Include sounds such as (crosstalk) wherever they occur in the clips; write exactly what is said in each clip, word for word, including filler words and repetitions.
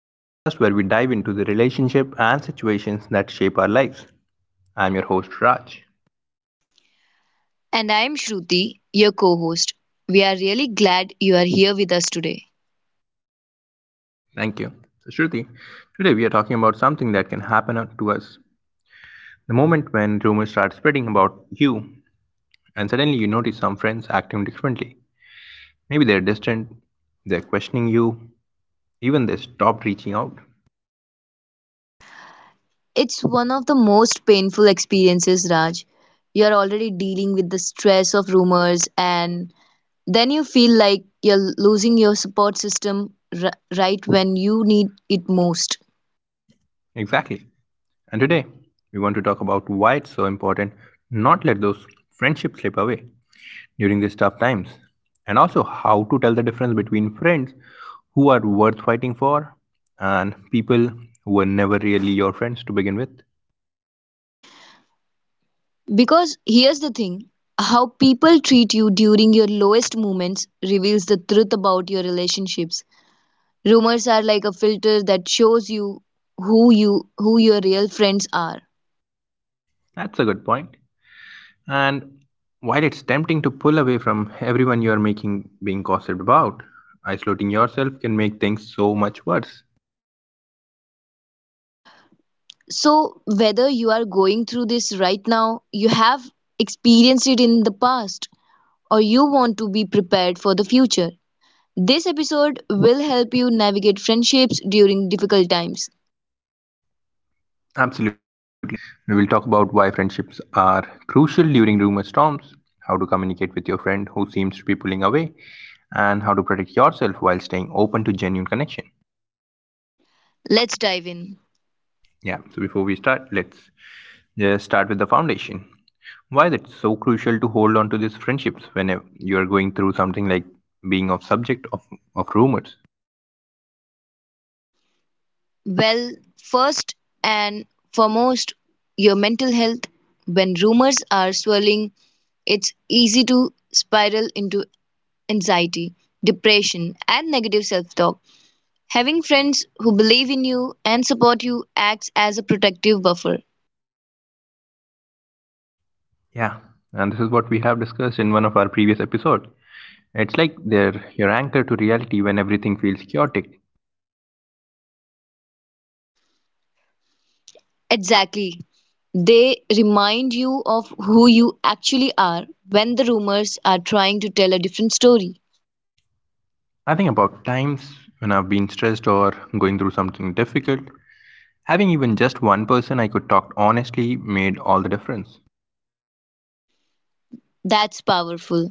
the podcast where we dive into the relationship and situations that shape our lives. I'm your host, Raj. And I am Shruti, your co host. We are really glad you are here with us today. Thank you. So, Shruti, today we are talking about something that can happen to us the moment when rumors start spreading about you, and suddenly you notice some friends acting differently. Maybe they're distant, they're questioning you, even they stopped reaching out. It's one of the most painful experiences, Raj. You're already dealing with the stress of rumors, and then you feel like you're losing your support system r- right when you need it most. Exactly. And today, we want to talk about why it's so important not let those friendships slip away during these tough times, and also how to tell the difference between friends who are worth fighting for and people who were never really your friends to begin with. Because here's the thing, how people treat you during your lowest moments reveals the truth about your relationships. Rumors are like a filter that shows you who you who your real friends are. That's a good point. And while it's tempting to pull away from everyone you're making being gossiped about, isolating yourself can make things so much worse. So whether you are going through this right now, you have experienced it in the past, or you want to be prepared for the future, this episode will help you navigate friendships during difficult times. Absolutely. We will talk about why friendships are crucial during rumor storms, how to communicate with your friend who seems to be pulling away, and how to protect yourself while staying open to genuine connection. Let's dive in. Yeah, so before we start, let's just start with the foundation. Why is it so crucial to hold on to these friendships whenever you are going through something like being of subject of, of rumors? Well, first and foremost, your mental health. When rumors are swirling, it's easy to spiral into anxiety, depression, and negative self talk. Having friends who believe in you and support you acts as a protective buffer. Yeah, and this is what we have discussed in one of our previous episodes. It's like they're your anchor to reality when everything feels chaotic. Exactly. They remind you of who you actually are when the rumors are trying to tell a different story. I think about times when I've been stressed or going through something difficult. Having even just one person I could talk honestly made all the difference. That's powerful.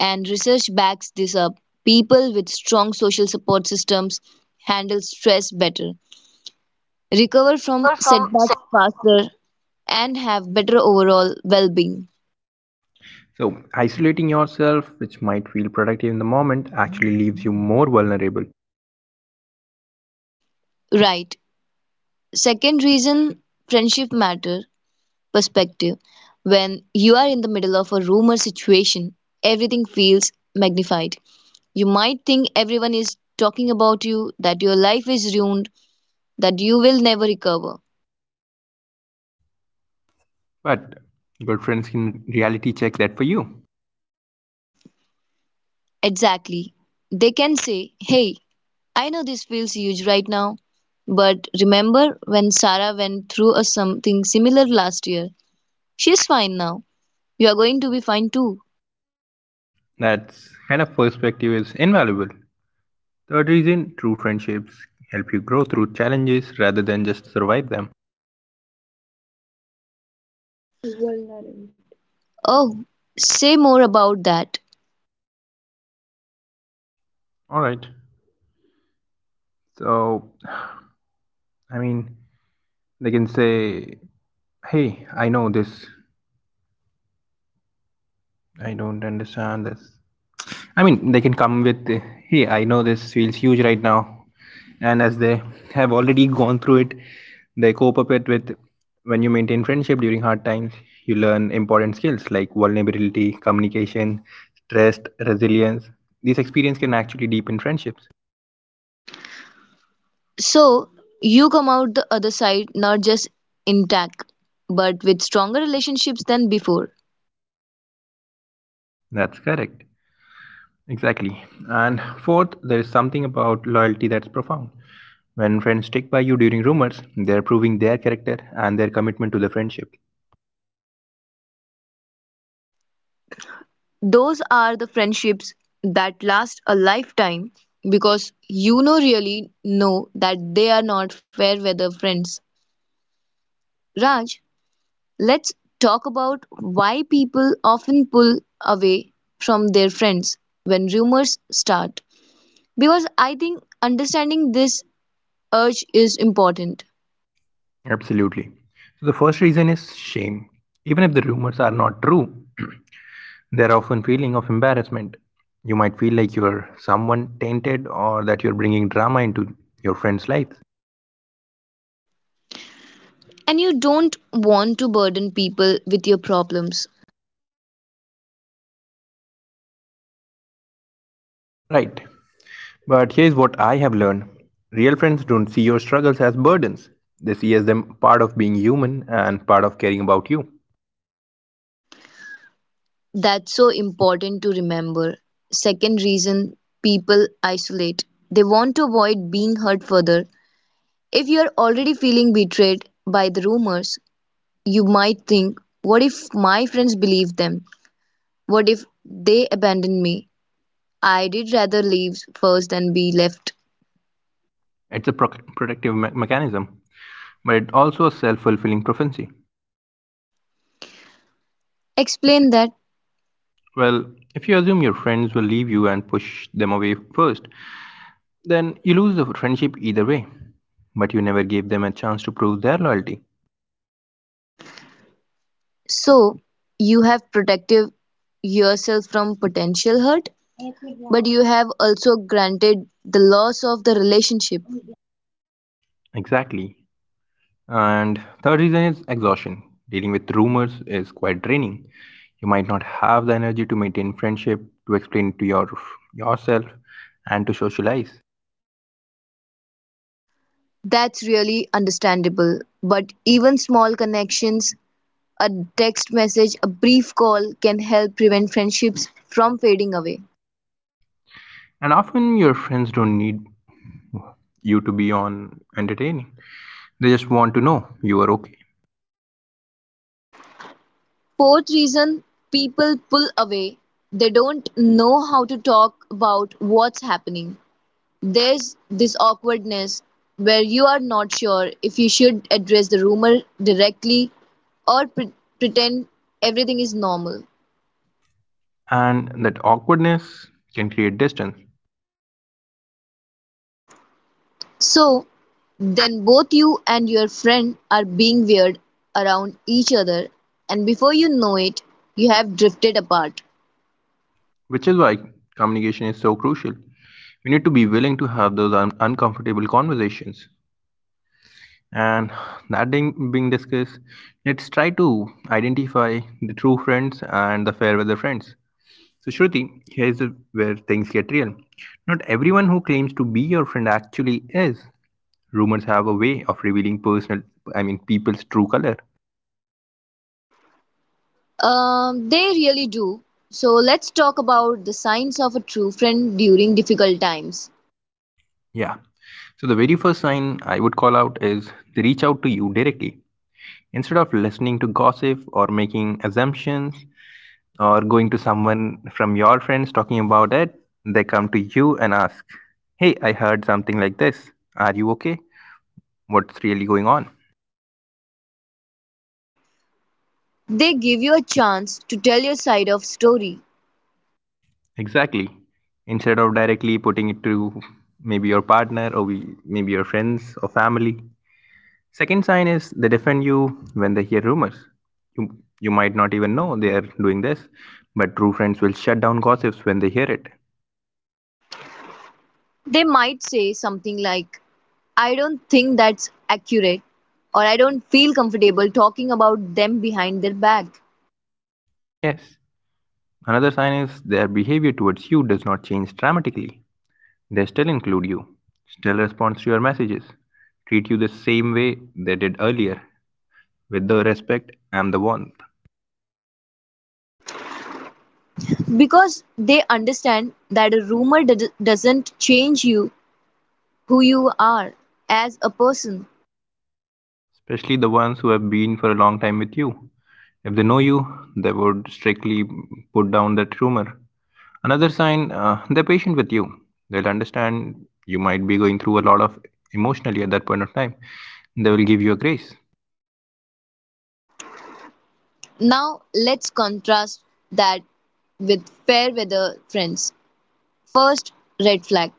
And research backs this up. People with strong social support systems handle stress better, recover from Recover from se- setbacks faster, and have better overall well being. So, isolating yourself, which might feel productive in the moment, actually leaves you more vulnerable. Right. Second reason friendship matter, perspective. When you are in the middle of a rumor situation, everything feels magnified. You might think everyone is talking about you, that your life is ruined, that you will never recover. But good friends can reality check that for you. Exactly. They can say, "Hey, I know this feels huge right now, but remember when Sarah went through a something similar last year? She's fine now. You are going to be fine too." That kind of perspective is invaluable. Third reason true friendships help you grow through challenges rather than just survive them. Oh, say more about that. Alright, so I mean, they can say, hey, I know this. I don't understand this. I mean, they can come with, hey, I know this feels huge right now. And as they have already gone through it, they cope up it with when you maintain friendship during hard times, you learn important skills like vulnerability, communication, stress, resilience. These experiences can actually deepen friendships. So you come out the other side not just intact, but with stronger relationships than before. That's correct. Exactly. And fourth, there is something about loyalty that's profound. When friends stick by you during rumors, they're proving their character and their commitment to the friendship. Those are the friendships that last a lifetime because you know really know that they are not fair weather friends. Raj, let's talk about why people often pull away from their friends when rumors start. Because I think understanding this urge is important. Absolutely. So the first reason is shame. Even if the rumors are not true, (clears throat) they're often feeling of embarrassment. You might feel like you're someone tainted or that you're bringing drama into your friend's life. And you don't want to burden people with your problems. Right. But here's what I have learned real friends don't see your struggles as burdens, they see as them part of being human and part of caring about you. That's so important to remember. Second reason people isolate. They want to avoid being hurt further. If you are already feeling betrayed by the rumors, you might think, what if my friends believe them? What if they abandon me? I did rather leave first than be left. It's a proc protective me- mechanism, but it's also a self fulfilling prophecy. Explain that. Well, if you assume your friends will leave you and push them away first, then you lose the friendship either way. But you never gave them a chance to prove their loyalty. So, you have protected yourself from potential hurt, but you have also granted the loss of the relationship. Exactly. And third reason is exhaustion. Dealing with rumors is quite draining. You might not have the energy to maintain friendship, to explain to your yourself, and to socialize. That's really understandable. But even small connections, a text message, a brief call can help prevent friendships from fading away. And often your friends don't need you to be on entertaining. They just want to know you are okay. Fourth reason people pull away, they don't know how to talk about what's happening. There's this awkwardness where you are not sure if you should address the rumor directly or pre- pretend everything is normal. And that awkwardness can create distance, So, then both you and your friend are being weird around each other, and before you know it, you have drifted apart. which is why communication is so crucial. We need to be willing to have those un- uncomfortable conversations and that thing being discussed, let's try to identify the true friends and the fair weather friends. So, Shruti, here is where things get real. Not everyone who claims to be your friend actually is. Rumors have a way of revealing personal, i mean people's true color. Um, they really do. So, let's talk about the signs of a true friend during difficult times. Yeah. So the very first sign I would call out is they reach out to you directly. Instead of listening to gossip or making assumptions or going to someone from your friends talking about it, they come to you and ask, "Hey, I heard something like this. Are you okay? What's really going on?" They give you a chance to tell your side of story. Exactly. Instead of directly putting it to maybe your partner or we, maybe your friends or family. Second sign is they defend you when they hear rumors. You, you might not even know they are doing this, but true friends will shut down gossips when they hear it. They might say something like, "I don't think that's accurate," or "I don't feel comfortable talking about them behind their back," Yes. Another sign is their behavior towards you does not change dramatically. They still include you, still respond to your messages, treat you the same way they did earlier, with the respect and the warmth. because they understand that a rumor d- doesn't change you who you are as a person. Especially the ones who have been for a long time with you. If they know you, they would strictly put down that rumor. Another sign, uh, they're patient with you. They'll understand you might be going through a lot of emotionally at that point of time. They will give you a grace. Now, let's contrast that with fair weather friends. First red flag,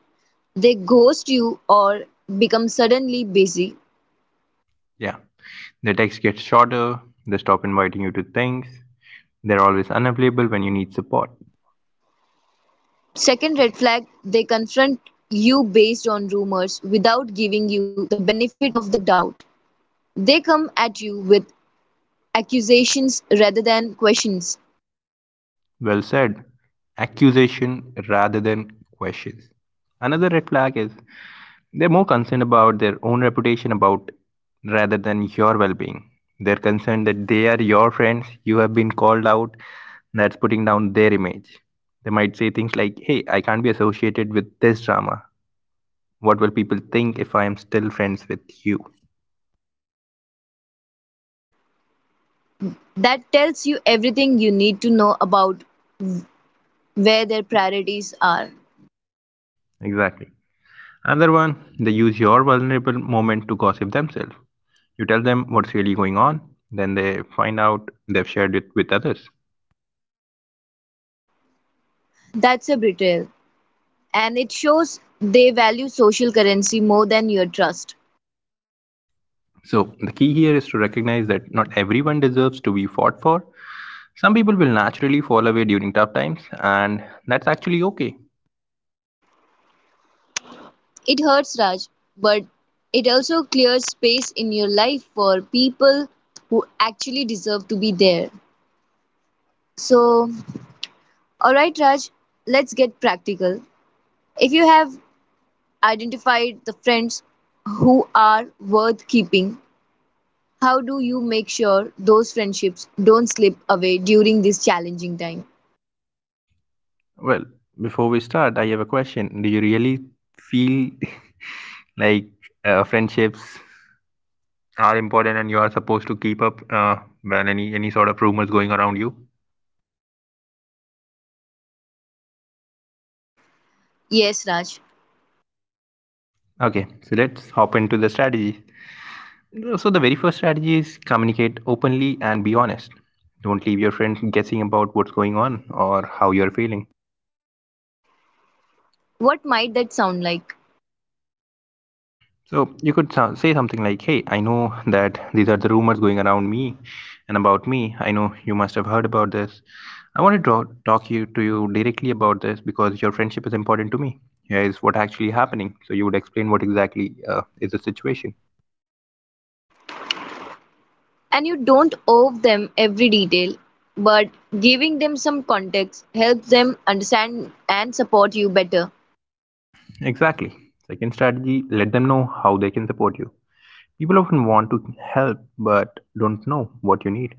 they ghost you or become suddenly busy. Yeah. Their texts get shorter, they stop inviting you to things, they're always unavailable when you need support. Second red flag, they confront you based on rumors without giving you the benefit of the doubt. They come at you with accusations rather than questions. Well said. Accusation rather than questions. Another red flag is they're more concerned about their own reputation about rather than your well-being. They're concerned that they are your friends, you have been called out, that's putting down their image. They might say things like, "Hey, I can't be associated with this drama. What will people think if I am still friends with you?" That tells you everything you need to know about where their priorities are. Exactly. Another one, they use your vulnerable moment to gossip themselves. You tell them what's really going on, then they find out they've shared it with others. That's a betrayal, and it shows they value social currency more than your trust. So, the key here is to recognize that not everyone deserves to be fought for. Some people will naturally fall away during tough times, and that's actually okay. It hurts, Raj, but it also clears space in your life for people who actually deserve to be there. So, alright, Raj, let's get practical. If you have identified the friends who are worth keeping, how do you make sure those friendships don't slip away during this challenging time? Well, before we start, I have a question. Do you really feel (laughs) like uh, friendships are important and you are supposed to keep up uh, when any, any sort of rumors going around you? Yes, Raj. Okay, so let's hop into the strategy. So, the very first strategy is communicate openly and be honest. Don't leave your friend guessing about what's going on or how you're feeling. What might that sound like? So, you could so- say something like, "Hey, I know that these are the rumors going around me and about me. I know you must have heard about this. I wanted to talk you, to you directly about this because your friendship is important to me. Here is what actually happening." So, you would explain what exactly uh, is the situation. And you don't owe them every detail, but giving them some context helps them understand and support you better. Exactly. Second strategy, let them know how they can support you. People often want to help but don't know what you need.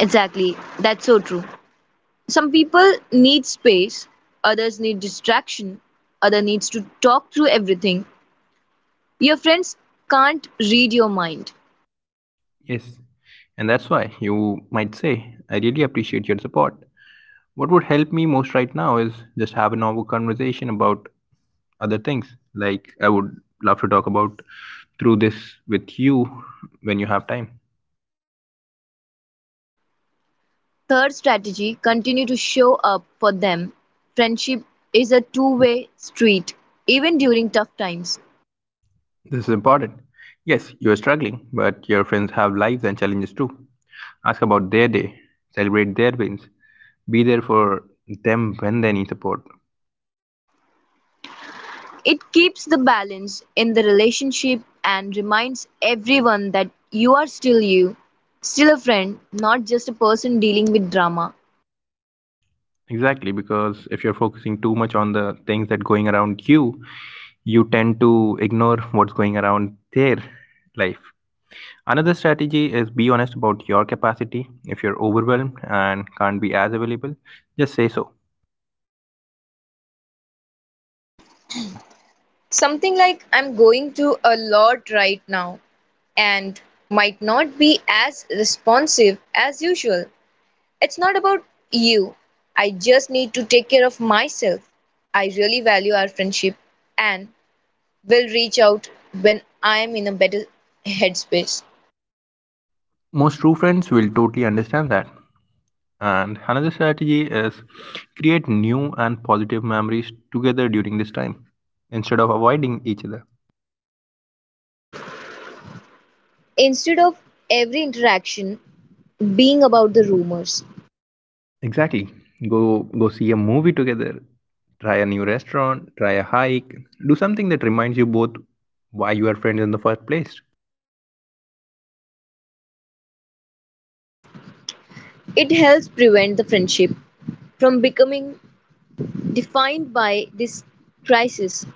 Exactly. That's so true. Some people need space, others need distraction, other needs to talk through everything. Your friends can't read your mind. Yes, and that's why you might say, "I really appreciate your support. What would help me most right now is just have a normal conversation about other things. Like, I would love to talk about through this with you when you have time." Third strategy, continue to show up for them. Friendship is a two-way street, even during tough times. This is important. Yes, you are struggling, but your friends have lives and challenges too. Ask about their day, celebrate their wins, be there for them when they need support. It keeps the balance in the relationship and reminds everyone that you are still you, still a friend, not just a person dealing with drama. Exactly, because if you're focusing too much on the things that going around you, you tend to ignore what's going around their life. Another strategy is be honest about your capacity. If you're overwhelmed and can't be as available, just say so. Something like, I'm going to a lot right now and might not be as responsive as usual. It's not about you. I just need to take care of myself. I really value our friendship and will reach out when I am in a better headspace. Most true friends will totally understand that. And another strategy is create new and positive memories together during this time instead of avoiding each other. Instead of every interaction being about the rumors, Exactly. Go go see a movie together. Try a new restaurant, try a hike, do something that reminds you both why you are friends in the first place. it helps prevent the friendship from becoming defined by this crisis.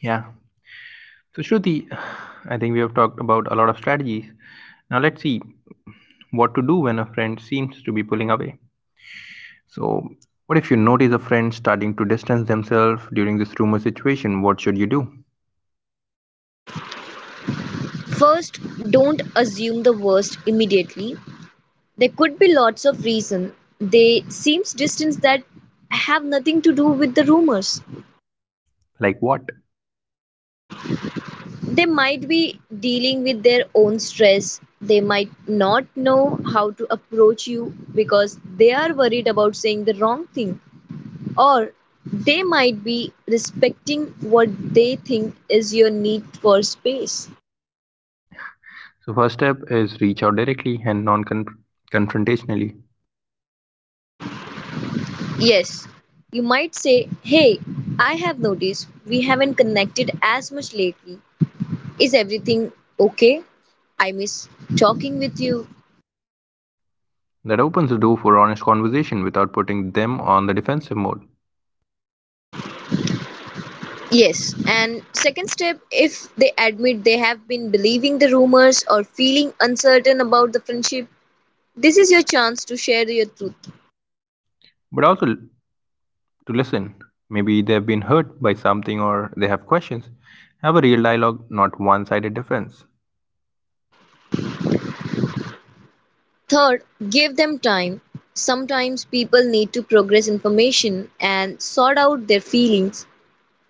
Yeah. So, Shruti, I think we have talked about a lot of strategies. Now let's see what to do when a friend seems to be pulling away. So, what if you notice a friend starting to distance themselves during this rumor situation? What should you do? First, don't assume the worst immediately. There could be lots of reason. They seems distance that have nothing to do with the rumors. Like what? They might be dealing with their own stress. They might not know how to approach you because they are worried about saying the wrong thing. Or they might be respecting what they think is your need for space. So, first step is reach out directly and non confrontationally. Yes, you might say, "Hey, I have noticed we haven't connected as much lately. Is everything okay? I miss talking with you." That opens the door for honest conversation without putting them on the defensive mode. Yes, and second step, if they admit they have been believing the rumors or feeling uncertain about the friendship, this is your chance to share your truth. But also to listen. Maybe they've been hurt by something or they have questions. Have a real dialogue, not one sided defense. Third, give them time. Sometimes people need to progress information and sort out their feelings.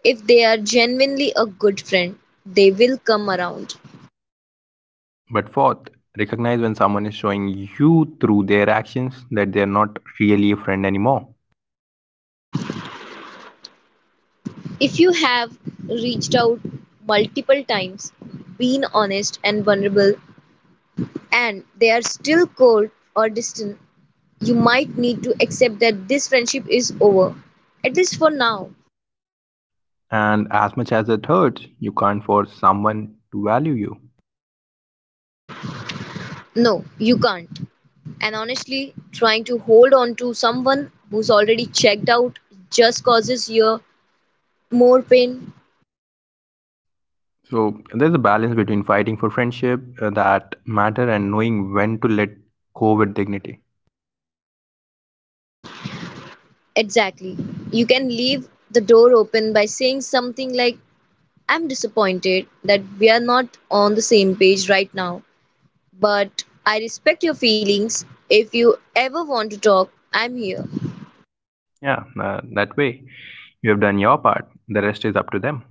If they are genuinely a good friend, they will come around. But fourth, recognize when someone is showing you through their actions that they're not really a friend anymore. If you have reached out multiple times, been honest and vulnerable, and they are still cold or distant, you might need to accept that this friendship is over, at least for now. And as much as it hurts, you can't force someone to value you. No, you can't. And honestly, trying to hold on to someone who's already checked out just causes you more pain. So there's a balance between fighting for friendship uh, that matter and knowing when to let go with dignity. Exactly. You can leave the door open by saying something like, "I'm disappointed that we are not on the same page right now, but I respect your feelings. If you ever want to talk, I'm here." Yeah, uh, that way you have done your part. The rest is up to them.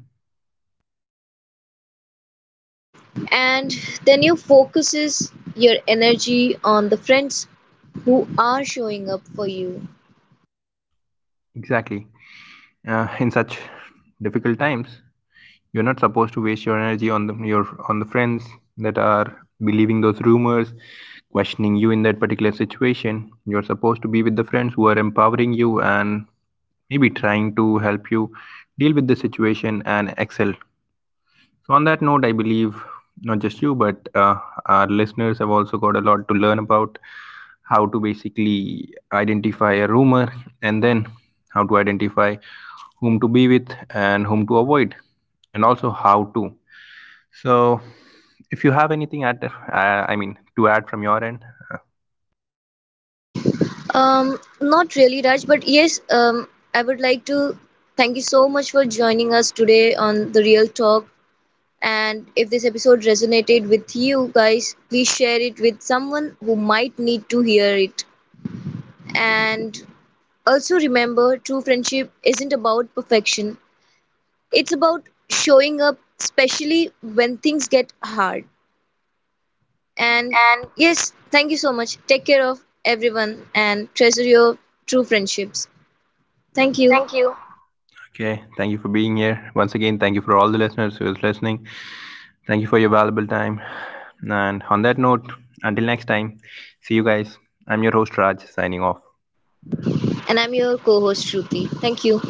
And then you focuses your energy on the friends who are showing up for you. Exactly. Uh, in such difficult times, you're not supposed to waste your energy on the, your on the friends that are believing those rumors, questioning you in that particular situation. You're supposed to be with the friends who are empowering you and maybe trying to help you deal with the situation and excel. So, on that note, I believe not just you, but uh, our listeners have also got a lot to learn about how to basically identify a rumor and then how to identify whom to be with and whom to avoid, and also how to. So, if you have anything at, uh, I mean, to add from your end, uh, um Not really, Raj, but yes, um I would like to thank you so much for joining us today on The Real Talk. And if this episode resonated with you guys, please share it with someone who might need to hear it. And also remember, true friendship isn't about perfection. It's about showing up, especially when things get hard. And and yes, thank you so much. Take care of everyone and treasure your true friendships. Thank you. thank you. Okay, thank you for being here once again. Thank you for all the listeners who is listening. Thank you for your valuable time. And on that note, until next time, see you guys. I'm your host Raj signing off. And I'm your co host, Shruti. Thank you.